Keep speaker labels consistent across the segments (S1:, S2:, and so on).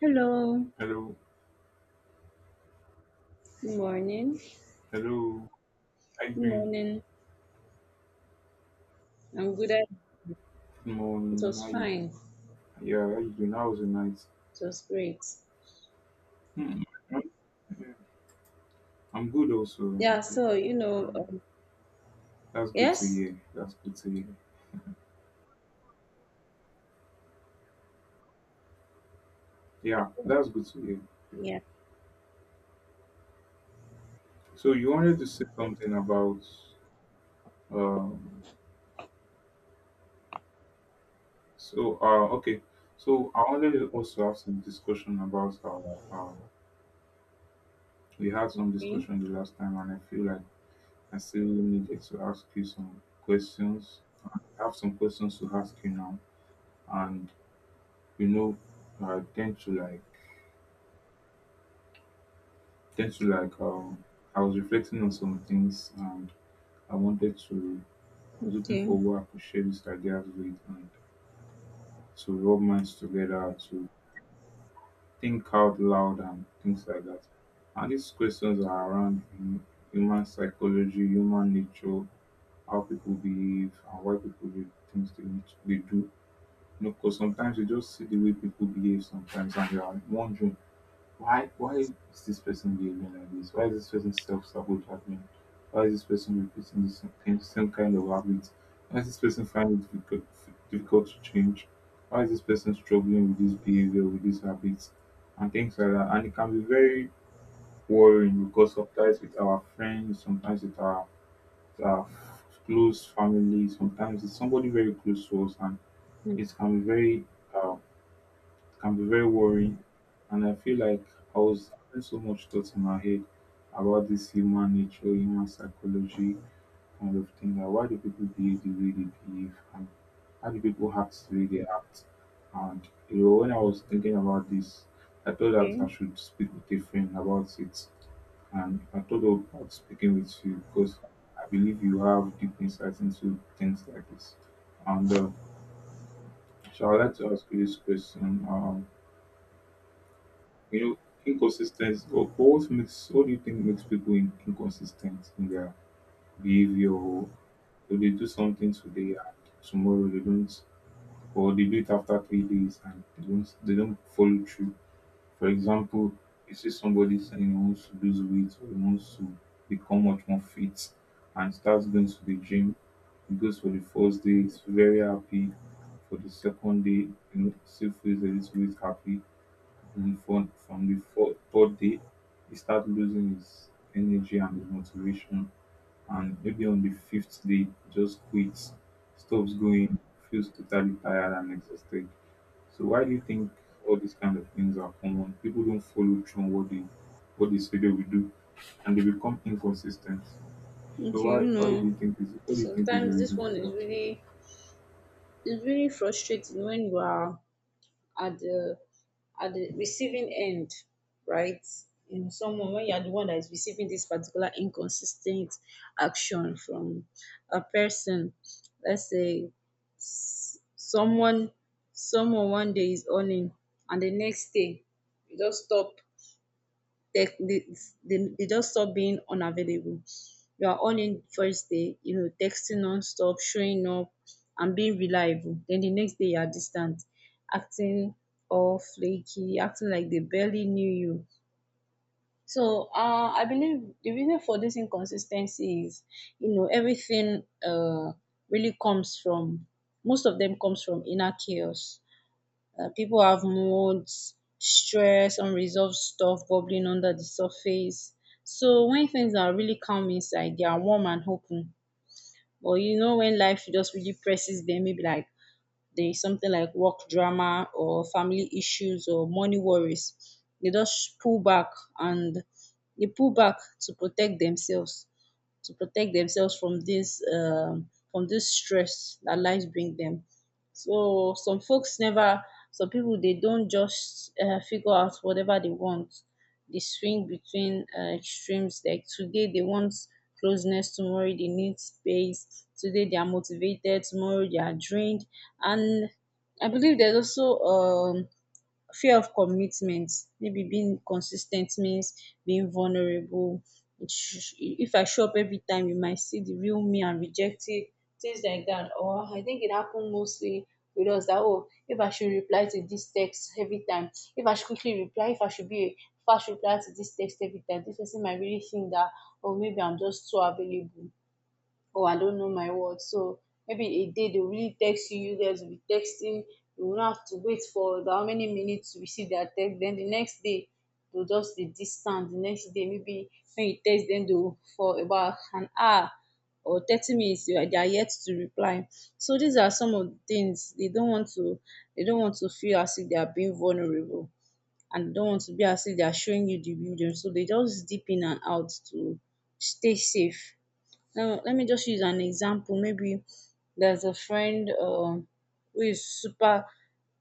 S1: Hello.
S2: Hello,
S1: Good morning.
S2: hello. How you
S1: Good
S2: doing?
S1: morning. I'm good. At,
S2: Good
S1: it
S2: morning. How
S1: was
S2: you?
S1: fine.
S2: Yeah, how you doing? How was your night?
S1: It was great.
S2: Hmm. I'm good also. I'm
S1: Yeah.
S2: good. Yeah, that's good to
S1: Yes.
S2: hear. That's good to hear.
S1: I
S2: Yeah,
S1: think,
S2: that's good to hear. Yeah.
S1: yeah.
S2: So you wanted to say something about um. So okay. So I wanted to also have some discussion about our We had some
S1: Okay.
S2: discussion the last time, and I feel like I still needed to ask you some questions. I have some questions to ask you now. And you know, I tend to like I was reflecting on some things and I wanted to I was looking
S1: Okay.
S2: for who I could share these ideas with, and to rub minds together, to think out loud and things like that. And these questions are around human psychology, human nature, how people behave and why people do things they do. Because sometimes you just see the way people behave sometimes and you are wondering why is this person behaving like this? Why is this person self-sabotaging? Why is this person repeating the same kind of habits? Why is this person finding it difficult to change? Why is this person struggling with this behavior, with these habits, and things like that? And it can be very worrying because sometimes with our friends, sometimes with our close family, sometimes it's somebody very close to us, and it uh, can be very worrying. And I feel like I was having so much thoughts in my head about this human nature, human psychology kind of thing. Like, why do people behave the way they behave? And how do people act the way they act? And you know, when I was thinking about this, I thought that I
S1: Okay.
S2: should speak with a friend about it. And I thought about speaking with you because I believe you have deep insights into things like this. And so I'd like to ask you this question. You know, inconsistency or what do you think makes people inconsistent in their behavior, or if they do something today and tomorrow they don't, or they do it after 3 days and they don't follow through. For example, you see somebody saying he wants to lose weight, or he wants to become much more fit and starts going to the gym. He goes for the first day, he's very happy. For the second day, you know, still feels a little bit happy. And from the third day, he started losing his energy and his motivation. And maybe on the fifth day, he just quits, stops going, feels totally tired and exhausted. So why do you think all these kind of things are common? People don't follow through on what they say they will do, and they become inconsistent. So
S1: Okay. You
S2: why do
S1: know.
S2: you think is what do you think is the
S1: Sometimes this
S2: reason for
S1: one
S2: that?
S1: is really frustrating when you are at the at the receiving end, right? You know, someone when you are the one that is receiving this particular inconsistent action from a person, let's say s- someone someone one day is earning and the next day you just stop they, they, they just stop being unavailable. You are on in first day, you know, texting non-stop, showing up and being reliable. Then the next day you are distant, acting all flaky, acting like they barely knew you. So I believe the reason for this inconsistency is, you know, everything really comes from, most of them comes from inner chaos. Uh, people have moods, stress, unresolved stuff bubbling under the surface. So when things are really calm inside, they are warm and open. But you know, when life just really presses them, maybe like they something like work drama or family issues or money worries, they just pull back, and they pull back to protect themselves, from this stress that life bring them. So some folks never Some people, they don't just figure out whatever they want. They swing between extremes. Like today they want closeness, tomorrow they need space; today they are motivated, tomorrow they are drained. And I believe there's also fear of commitment. Maybe being consistent means being vulnerable. If I show up every time, you might see the real me and reject it, things like that. Or I think it happened mostly with us that, oh, if I should reply to this text every time, if I should quickly reply, if I should be a fast reply to this text every time, this person might really think that, oh, maybe I'm just too available. Oh, I don't know my words. So maybe a day they will really text you, you guys will be texting, you will not have to wait for how many minutes to receive their text. Then the next day they'll just be distant. The next day maybe when you text them, they'll for about an hour or 30 minutes, they are yet to reply. So these are some of the things. They don't want to feel as if they are being vulnerable, and they don't want to be as if they are showing you the real them. So they just dip in and out to stay safe. Now, let me just use an example. Maybe there's a friend who is super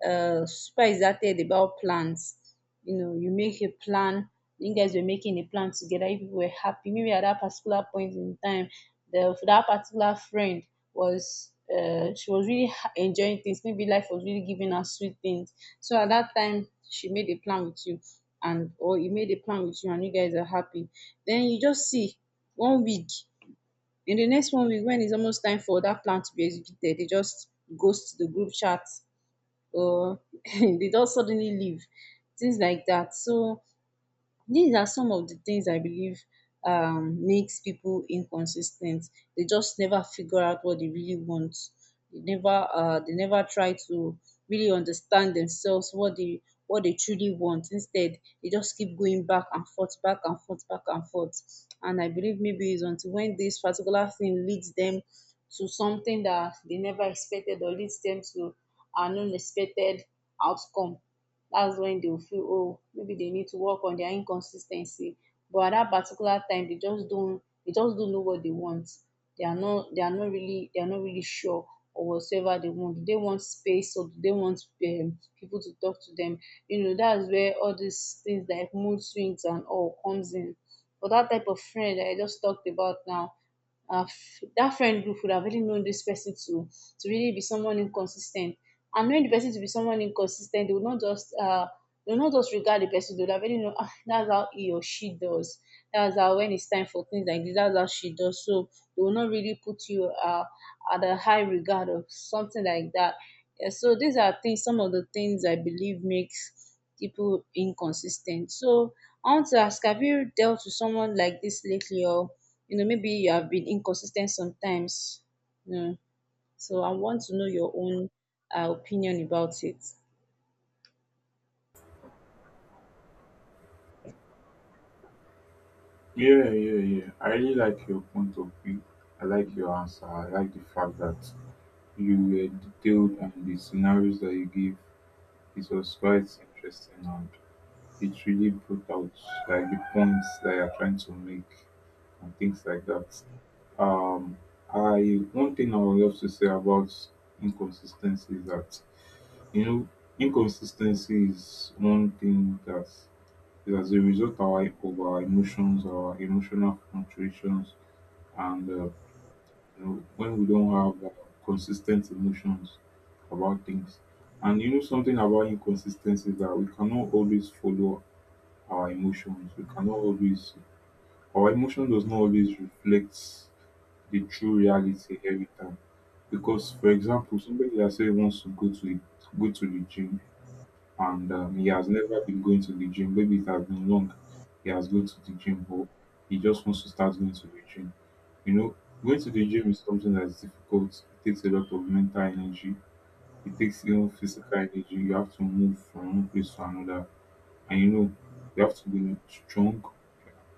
S1: uh, super excited about plants. You know, you make a plan. You guys were making a plan together. You people were happy. Maybe at that particular point in time, the that particular friend was she was really enjoying things. Maybe life was really giving her sweet things. So at that time, she made a plan with you, and or you made a plan with you, and you guys are happy. Then you just see one week. In the next one week, when it's almost time for that plan to be executed, they just ghost the group chat, or they just suddenly leave, things like that. So these are some of the things I believe makes people inconsistent. They just never figure out what they really want. They never try to really understand themselves, what they truly want. Instead, they just keep going back and forth, back and forth, back and forth. And I believe maybe it's until when this particular thing leads them to something that they never expected, or leads them to an unexpected outcome, that's when they'll feel, oh, maybe they need to work on their inconsistency. But at that particular time, they just don't know what they want. They are not really sure or whatsoever they want. Do they want space, or do they want people to talk to them? You know, that's where all these things like mood swings and all comes in. But that type of friend that I just talked about now, that friend group would have really known this person to really be someone inconsistent. And knowing the person to be someone inconsistent, they would not just regard the person. They would have already known, ah, that's how he or she does. That's how when it's time for things like this, that's how she does. So they will not really put you at a high regard or something like that. Yeah, so these are things. Some of the things I believe makes people inconsistent. So I want to ask: have you dealt with someone like this lately, or? You know, maybe you have been inconsistent sometimes. You know. So I want to know your own opinion about it.
S2: Yeah, yeah, yeah. I really like your point of view. I like your answer. I like the fact that you were detailed, and the scenarios that you gave, it was quite interesting, and it really brought out like the points that you're trying to make and things like that. Um, I one thing I would love to say about inconsistency is that you know inconsistency is one thing that is as a result of our emotions, our emotional fluctuations, and you know, when we don't have consistent emotions about things. And you know something about inconsistency is that we cannot always follow our emotions. We cannot always Our emotion does not always reflect the true reality every time. Because for example, somebody that say he wants to go to the gym, and he has never been going to the gym. Maybe it has been long. He has gone to the gym, but he just wants to start going to the gym. You know, going to the gym is something that is difficult. It takes a lot of mental energy. It takes, you know, physical energy. You have to move from one place to another, and you know, you have to be strong.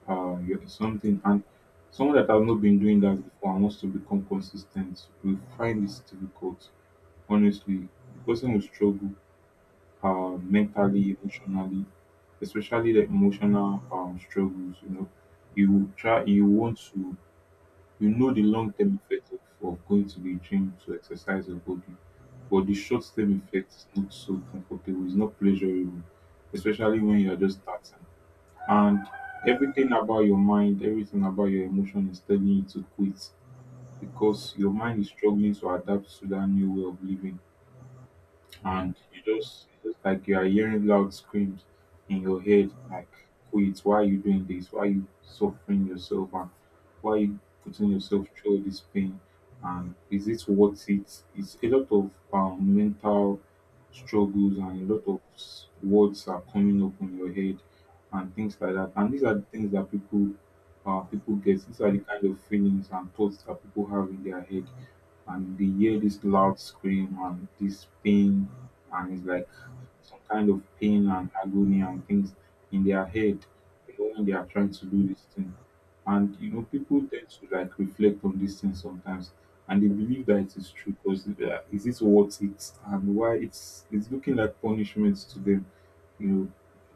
S2: You're something, and someone that has not been doing that before and wants to become consistent will find this difficult. Honestly, the person will struggle mentally, emotionally, especially the emotional struggles. You know, you want to, you know, the long term effect of going to the gym to exercise your body, but the short term effect is not so comfortable, it's not pleasurable, especially when you are just starting. And everything about your mind, everything about your emotion is telling you to quit, because your mind is struggling to adapt to that new way of living, and you just, it's like you are hearing loud screams in your head, like, quit, why are you doing this, why are you suffering yourself, and why are you putting yourself through this pain, and is it worth it? It's a lot of mental struggles, and a lot of words are coming up in your head and things like that. And these are the things that people get. These are the kind of feelings and thoughts that people have in their head, and they hear this loud scream and this pain, and it's like some kind of pain and agony and things in their head, you know, when they are trying to do this thing. And you know people tend to like reflect on these things sometimes, and they believe that it is true, because is this worth it, and why it's looking like punishment to them, you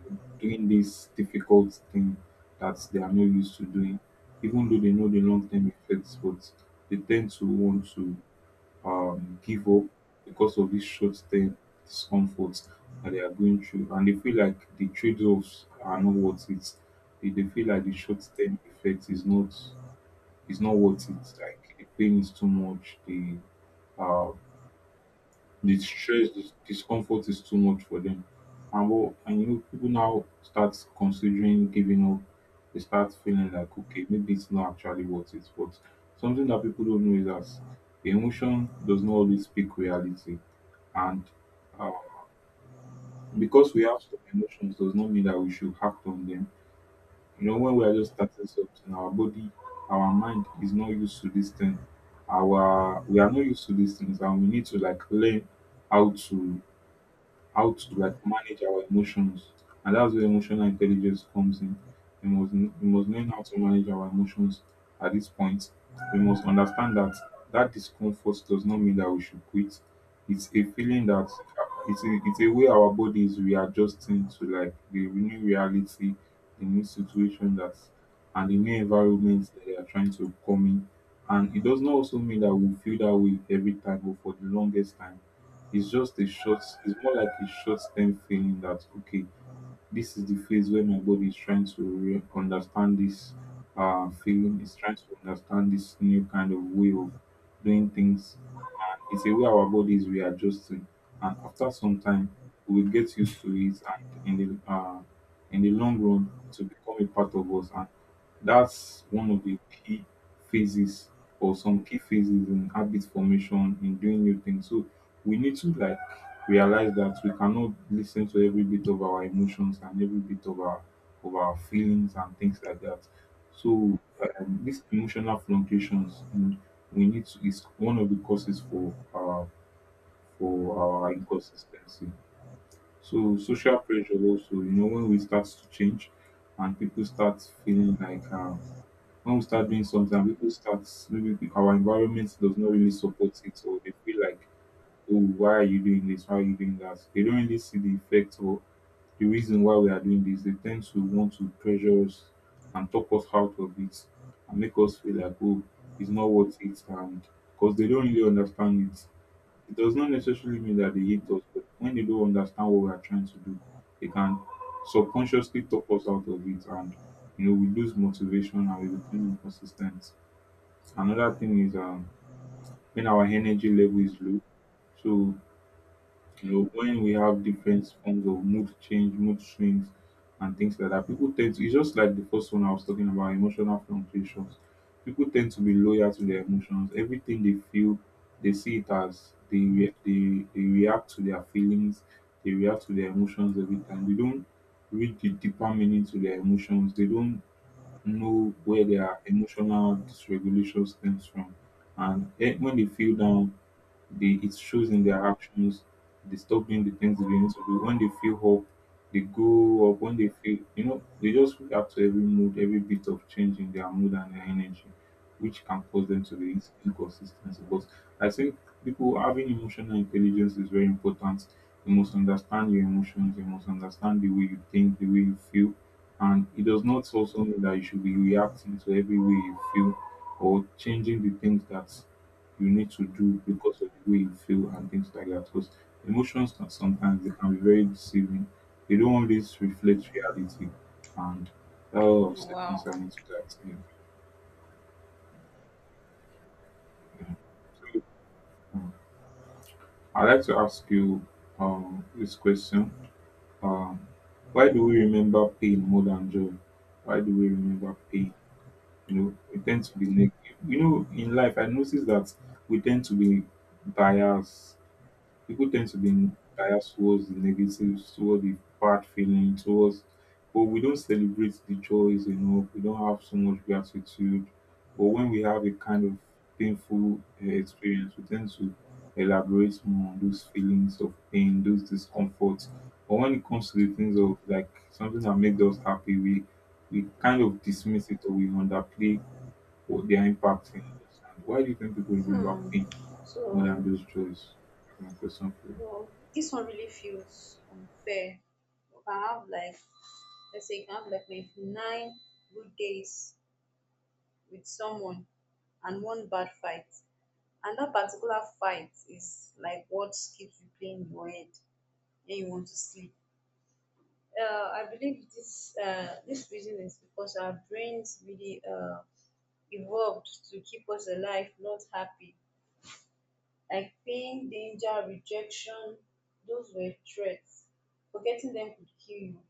S2: know, doing this difficult thing that they are not used to doing. Even though they know the long-term effects, but they tend to want to give up because of this short-term discomfort that they are going through, and they feel like the trade-offs are not worth it. They feel like the short-term effect is not worth it. Like the pain is too much. Uh, the stress, the discomfort is too much for them. And well, and you know, people now start considering giving up. They start feeling like, okay, maybe it's not actually worth it. But something that people don't know is that the emotion does not always speak reality. And uh, because we have some emotions does not mean that we should act on them. You know, when we are just starting something, our mind is not used to this thing. Our we are not used to these things, and we need to like learn how to how to like manage our emotions. And that's where emotional intelligence comes in. We must learn how to manage our emotions at this point. We must understand that discomfort does not mean that we should quit. It's a feeling that it's a way our body is readjusting to like the new reality, the new situation that, and the new environment that they are trying to come in. And it does not also mean that we feel that way every time or for the longest time. It's more like a short term feeling that, okay, this is the phase where my body is trying to understand this feeling. It's trying to understand this new kind of way of doing things. And it's a way our body is readjusting. And after some time, we will get used to it. And in in the long run, it will become a part of us. And that's one of the key phases, or some key phases in habit formation, in doing new things. So we need to like realise that we cannot listen to every bit of our emotions and every bit of our feelings and things like that. So these emotional fluctuations, you know, we need to is one of the causes for our inconsistency. So social pressure also, you know, when we start to change and people start feeling like, when we start doing something and people start, maybe our environment does not really support it, or they feel like, oh, why are you doing this? Why are you doing that? They don't really see the effect or the reason why we are doing this. They tend to want to pressure us and talk us out of it, and make us feel like, oh, it's not worth it. And because they don't really understand it, it does not necessarily mean that they hate us, but when they don't understand what we are trying to do, they can subconsciously talk us out of it. And you know, we lose motivation and we become inconsistent. Another thing is when our energy level is low. So, when we have different forms of mood change, mood swings, and things like that, people tend to, it's just like the first one I was talking about, emotional fluctuations. People tend to be loyal to their emotions. Everything they feel, they see it as they react to their feelings, they react to their emotions every time. They don't read the deeper meaning to their emotions, they don't know where their emotional dysregulation stems from. And when they feel down, they, it shows in their actions. They stop doing the things they need to do. When they feel hope, they go up. When they feel, you know, they just react to every mood, every bit of change in their mood and their energy, which can cause them to be inconsistency. But I think people having emotional intelligence is very important. You must understand your emotions. You must understand the way you think, the way you feel. And it does not also mean that you should be reacting to every way you feel or changing the things that you need to do because of the way you feel and things like that. Because emotions can sometimes they can be very deceiving. They don't always reflect reality, and that was
S1: Wow.
S2: concerning to that. Yeah. yeah. So um, I'd like to ask you this question: um, why do we remember pain more than joy? Why do we remember pain? You know, we tend to be negative. You know, in life, I notice that we tend to be biased, people tend to be biased towards the negatives, towards the bad feeling, towards but we don't celebrate the joys enough. We don't have so much gratitude. But when we have a kind of painful experience, we tend to elaborate more on those feelings of pain, those discomforts. But when it comes to the things of like something that made us happy, we kind of dismiss it or we underplay what their impact in us. And why do you think people remember
S1: Hmm.
S2: pain more than
S1: So,
S2: those joys? That's my question for you.
S1: no, this one really feels unfair. You can have like, let's say you can have like maybe nine good days with someone and one bad fight. And that particular fight is like what keeps replaying in your head when you want to sleep. I believe this reason is because our brains really evolved to keep us alive, not happy. Like pain, danger, rejection, those were threats. Forgetting them could kill you.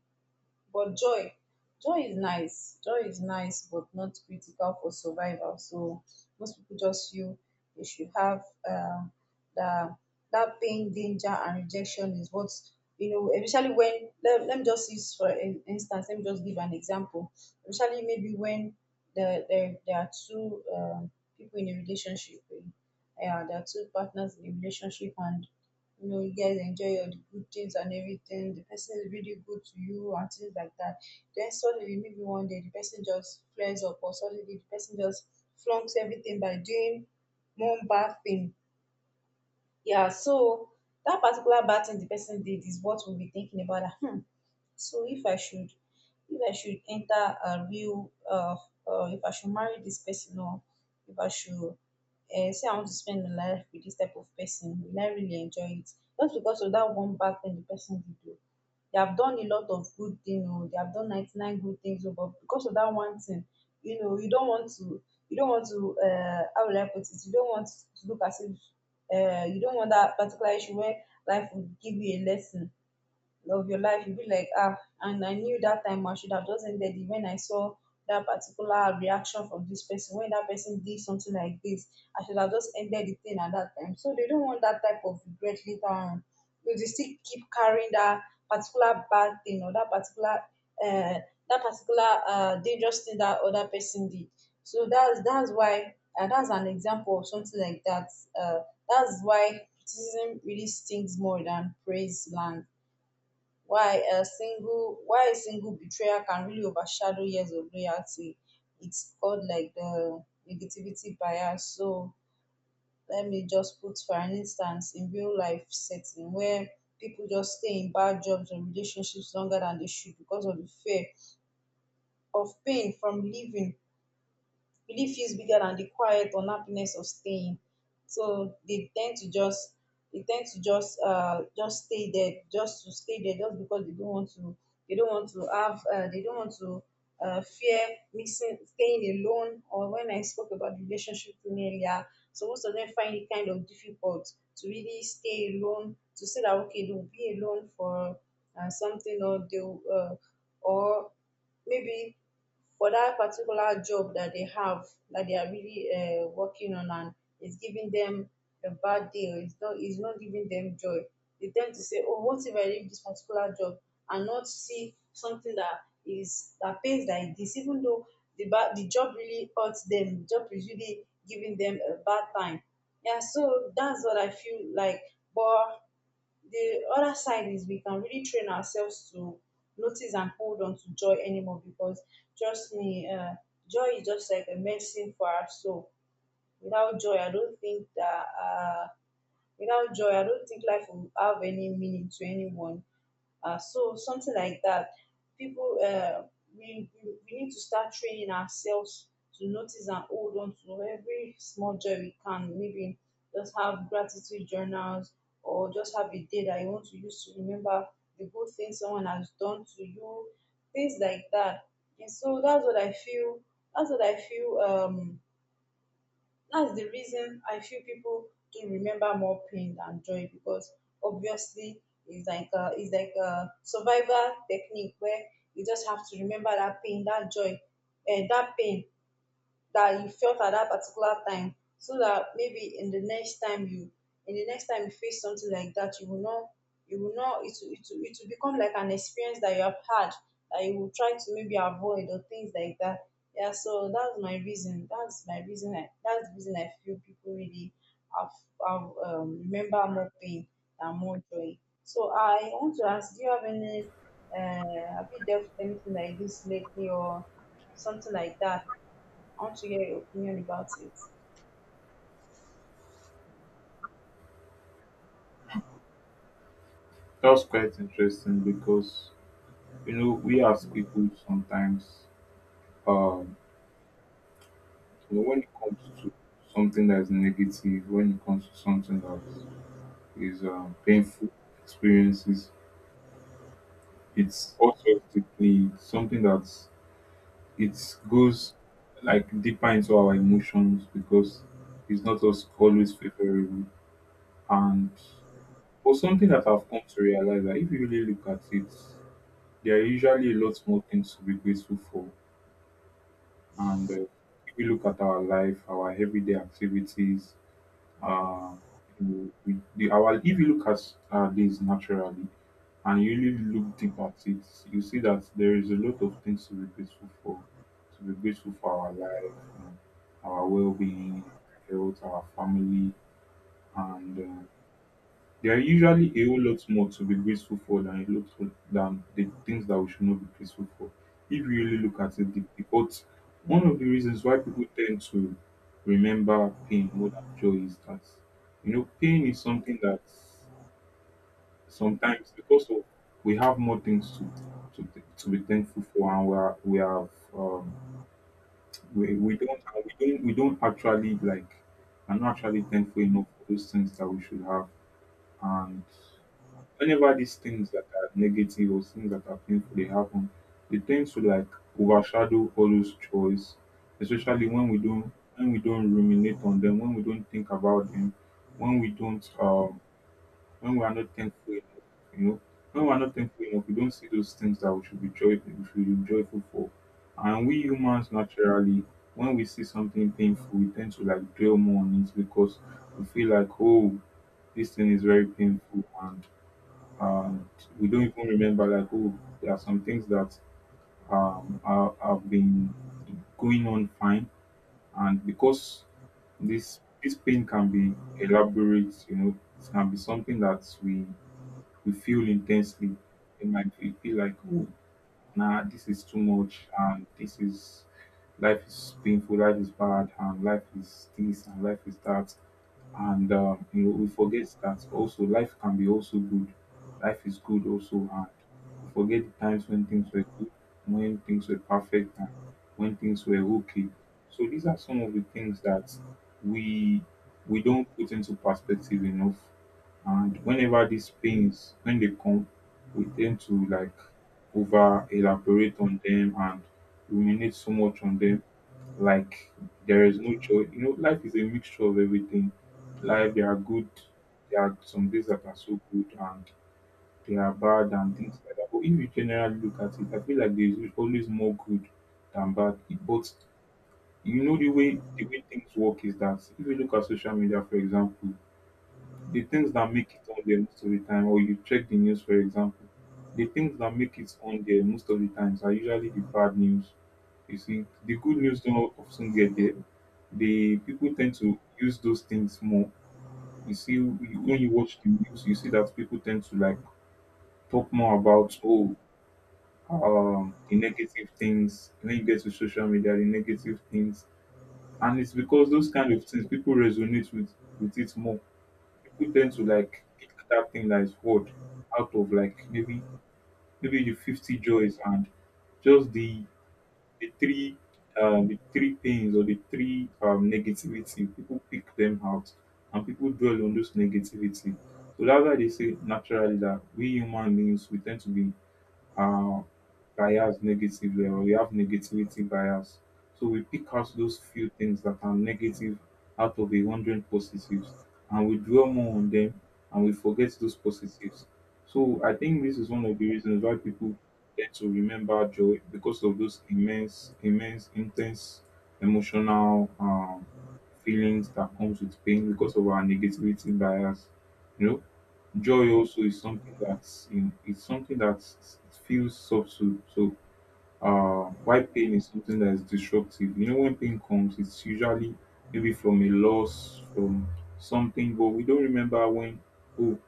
S1: But joy, joy is nice. Joy is nice, but not critical for survival. So most people just feel they should have uh, the that pain, danger, and rejection is what, you know. Especially when let me just use for instance. Let me just give an example. Especially maybe when there are two people in a relationship. Yeah, there are two partners in a relationship, and you know, you guys enjoy your good things and everything. The person is really good to you and things like that. Then suddenly, maybe one day, the person just flares up, or suddenly the person just flunks everything by doing one bad thing. Yeah, so that particular bad thing the person did is what we'll be thinking about. That, hmm, so if I should enter a real if I should marry this person, or if I should say I want to spend my life with this type of person, will I really enjoy it? Just because of that one bad thing the person did do. They have done a lot of good things, or they have done 99 good things. Oh, but because of that one thing, you know, you don't want to, how will I put it? You don't want to look as if, you don't want that particular issue where life will give you a lesson, love your life, you be like, ah, and I knew that time I should have just ended it when I saw that particular reaction from this person, when that person did something like this, I should have just ended the thing at that time. So they don't want that type of regret later on, but they still keep carrying that particular bad thing, or that particular uh, dangerous thing that other person did. So that's why, that's an example of something like that. uh, that's why criticism really stings more than praise lands, why a single betrayal can really overshadow years of loyalty. It's called like the negativity bias. So let me just put for an instance in real life setting where people just stay in bad jobs and relationships longer than they should because of the fear of pain from leaving. Belief feels bigger than the quiet unhappiness of staying. So they tend to just stay there, just to stay there, just because they don't want to they don't want to have they don't want to, fear missing staying alone, or when I spoke about relationship thing earlier. So most of them find it kind of difficult to really stay alone, to say that okay, they'll be alone for something, or they'll or maybe for that particular job that they have, that they are really working on and it's giving them a bad deal. It's not giving them joy. They tend to say, oh, what if I leave this particular job and not see something that is that pays like this, even though the job really hurts them, the job is really giving them a bad time. Yeah, so that's what I feel like. But the other side is we can really train ourselves to notice and hold on to joy anymore, because trust me, joy is just like a medicine for our soul. Without joy, I don't think that without joy, I don't think life will have any meaning to anyone. So something like that. People, uh, we need to start training ourselves to notice and hold on to every small joy we can. Maybe just have gratitude journals, or just have a day that you want to use to remember the good things someone has done to you, things like that. And so that's what I feel. That's what I feel. That's the reason I feel people do remember more pain than joy, because obviously it's like a survival technique where you just have to remember that pain, that joy, and that pain that you felt at that particular time, so that maybe in the next time you face something like that, you will not, it will, it will become like an experience that you have had, that you will try to maybe avoid or things like that. Yeah, so that's my reason. That's my reason. That's the reason I feel people really have, have remember more pain than more joy. So I want to ask, do you have any? Uh, have you dealt with anything like this lately, or something like that? I want to hear your opinion about it.
S2: That's quite interesting because you know we as people sometimes um you know, when it comes to something that is negative, when it comes to something that is painful experiences, it's also deeply something that it goes like deeper into our emotions because it's not us always favorable and for something that I've come to realize that if you really look at it, there are usually a lot more things to be grateful for. And if we look at our life, our everyday activities, uh, our if you look at our days naturally and you really look deep at it, you see that there is a lot of things to be grateful for. To be grateful for our life, you know, our well-being, our health, our family, and there are usually a whole lot more to be grateful for than than the things that we should not be grateful for. If you really look at it, because one of the reasons why people tend to remember pain more than joy is that you know pain is something that sometimes because of we have more things to to, to be thankful for and we have we don't and we don't actually like are not actually thankful enough for those things that we should have and whenever these things that are negative or things that are painful they happen, they tend to like overshadow all those joys, especially when we don't ruminate on them, when we don't think about them, when we don't when we are not thankful enough, you know. When we are not thankful enough, we don't see those things that we should be joyful we should be joyful for. And we humans naturally, when we see something painful, we tend to like dwell more on it because we feel like, oh, this thing is very painful and we don't even remember like oh there are some things that are, have been going on fine and because this pain can be elaborate you know it can be something that we feel intensely it might be, feel like oh nah this is too much and this is life is painful life is bad and life is this and life is that and you know, we forget that also life can be also good. Life is good also hard. We forget the times when things were good, when things were perfect, and when things were okay. So these are some of the things that we we don't put into perspective enough. And whenever these pains, when they come, we tend to like over elaborate on them and ruminate so much on them like there is no choice. You know, life is a mixture of everything. Life, there are good, there are some days that are so good and there are bad and things like that. But if you generally look at it, I feel like there is always more good than bad. But you know the way things work is that if you look at social media, for example, the things that make it on there most of the time, or you check the news, for example, the things that make it on there most of the times are usually the bad news. You see, the good news don't often get there, the people tend to use those things more. You see, when you watch the news, you see that people tend to like talk more about oh, the negative things. When you get to social media, the negative things, and it's because those kind of things people resonate with it more. People tend to like pick that thing that is hard out of like maybe the 50 joys and just the three the three things or the three negativity, people pick them out and people dwell on those negativity, so that's why they say naturally that we human beings we tend to be uh, bias negative level. We have negativity bias. So we pick out those few things that are negative out of 100 positives and we dwell more on them and we forget those positives. So I think this is one of the reasons why people tend to remember joy because of those immense, immense, intense emotional feelings that comes with pain because of our negativity bias. You know, joy also is something that's you know, it's something that feels subtle so why pain is something that is disruptive you know when pain comes it's usually maybe from a loss from something but we don't remember when oh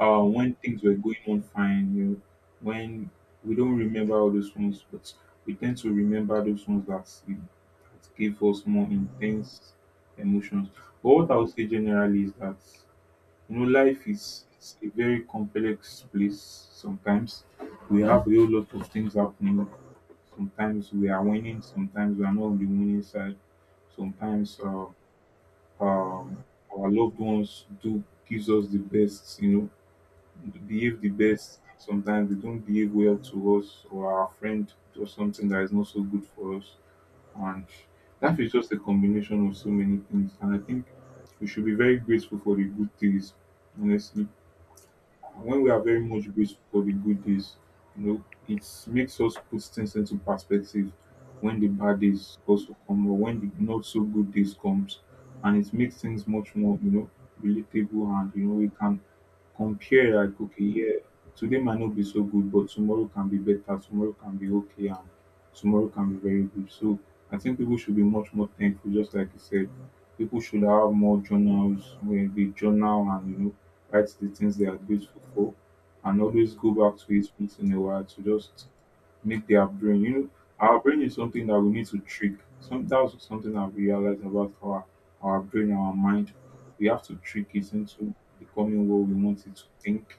S2: when things were going on fine you know when we don't remember all those ones but we tend to remember those ones that, you know, that give us more intense emotions but what I would say generally is that you know, life is a very complex place sometimes. We have a whole lot of things happening. Sometimes we are winning, sometimes we are not on the winning side. Sometimes um, our loved ones do gives us the best, you know, behave the best. Sometimes they don't behave well to us or our friend does something that is not so good for us. And that is just a combination of so many things. And I think we should be very grateful for the good things, honestly, when we are very much grateful for the good days, you know, it makes us put things into perspective when the bad days also come or when the not so good days comes and it makes things much more, you know, relatable and you know we can compare like okay, yeah, today might not be so good, but tomorrow can be better, tomorrow can be okay and tomorrow can be very good. So I think people should be much more thankful, just like you said. People should have more journals where they journal and you know write the things they are grateful for, and always go back to it once in a while to just make their brain. You know, our brain is something that we need to trick. Some that's something I've realized about our brain, our mind. We have to trick it into becoming what we want it to think,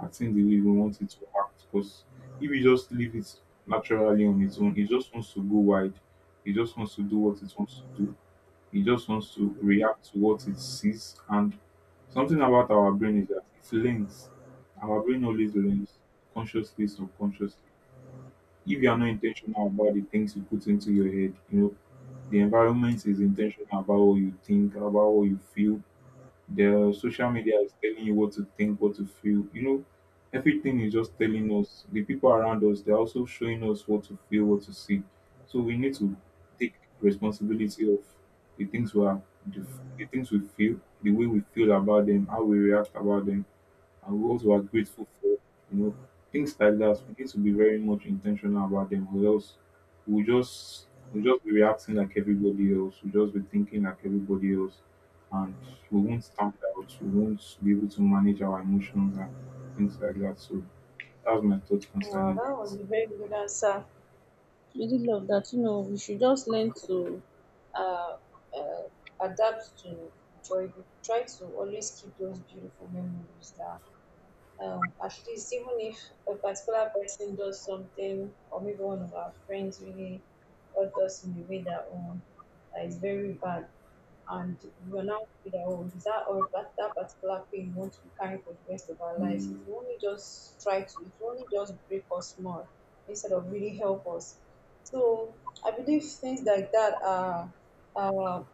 S2: acting the way we want it to act. Because if you just leave it naturally on its own, it just wants to go wide. It just wants to do what it wants to do, it just wants to react to what it sees. And something about our brain is that it learns. Our brain always learns, consciously, subconsciously. If you are not intentional about the things you put into your head, you know, the environment is intentional about what you think, about what you feel, the social media is telling you what to think, what to feel. You know, everything is just telling us. The people around us, they're also showing us what to feel, what to see. So we need to take responsibility of the things we are, the, the things we feel, the way we feel about them, how we react about them and we also are grateful for. You know, things like that. We need to be very much intentional about them, or else we'll just we'll just be reacting like everybody else. We'll just be thinking like everybody else, and we won't stand out. We won't be able to manage our emotions and things like that. So that's my thoughts
S1: Wow,
S2: concerning
S1: that was
S2: that.
S1: a very good answer. We did love that. You know, we should just learn to uh, uh, adapt to joy. We should try to always keep those beautiful memories that, at least even if a particular person does something, or maybe one of our friends really hurt us in a way that that is very bad, and we are now feel that, oh, is that or that particular pain we want to carry for the rest of our lives, it
S2: Mm,
S1: will only just try to, it will only just break us more instead of really help us. So I believe things like that are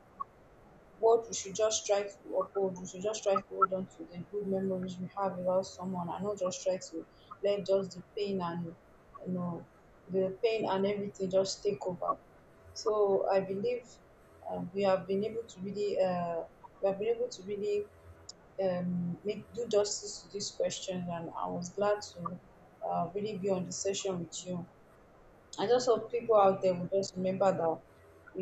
S1: what we should just try to uphold. We should just try to hold on to the good memories we have about someone, and not just try to let just the pain and, you know, the pain and everything just take over. So I believe uh, we have been able to really uh, we have been able to really make do justice to these questions, and I was glad to really be on the session with you. I just hope people out there will just remember that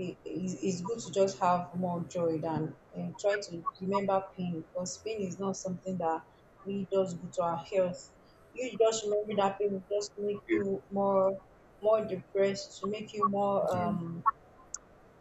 S1: it's good to just have more joy than and try to remember pain, because pain is not something that really does good to our health. You just remember that pain will just make
S2: yeah,
S1: you more, more depressed, to make you more
S2: yeah.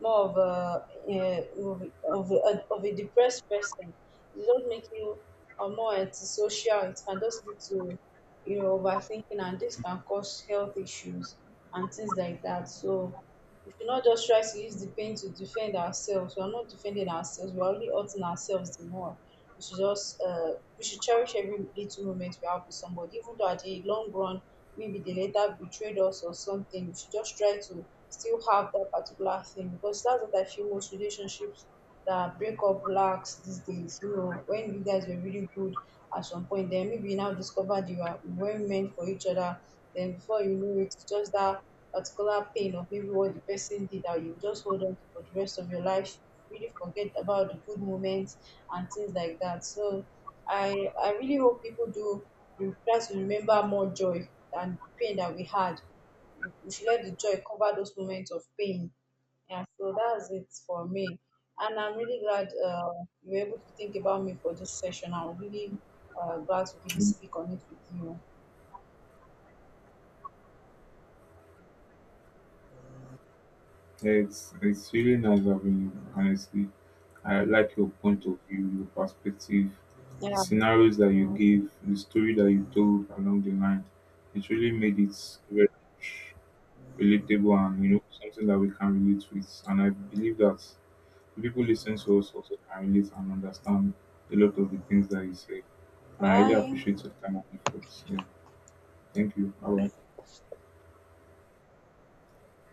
S1: more of a, yeah, of a depressed person. It doesn't make you more antisocial. It can just lead to, you know, overthinking, and this can cause health issues and things like that. So we should not just try to use the pain to defend ourselves. We are not defending ourselves. We are only hurting ourselves the more. We should just we should cherish every little moment we have with somebody, even though at the long run maybe they later betrayed us or something. We should just try to still have that particular thing, because that's what I feel most relationships that break up lacks these days. You know, when you guys were really good at some point, then maybe you now discovered you are weren't meant for each other, then before you know it, it's just that particular pain of maybe what the person did that you just hold on to for the rest of your life, really forget about the good moments and things like that. So I I really hope people do try to remember more joy than the pain that we had. We should let the joy cover those moments of pain. Yeah, so that's it for me. And I'm really glad, you were able to think about me for this session. I'm really glad to really speak on it with you.
S2: Yeah, it's really nice having you. Honestly, I like your point of view, your perspective, the
S1: Yeah.
S2: scenarios that you
S1: Mm.
S2: gave, the story that you told along the line. It really made it very relatable and you know something that we can relate with. And I believe that the people listening to us also can relate and understand a lot of the things that you say. And I really
S1: Bye.
S2: appreciate your time and efforts. Yeah, thank you. Bye. Bye.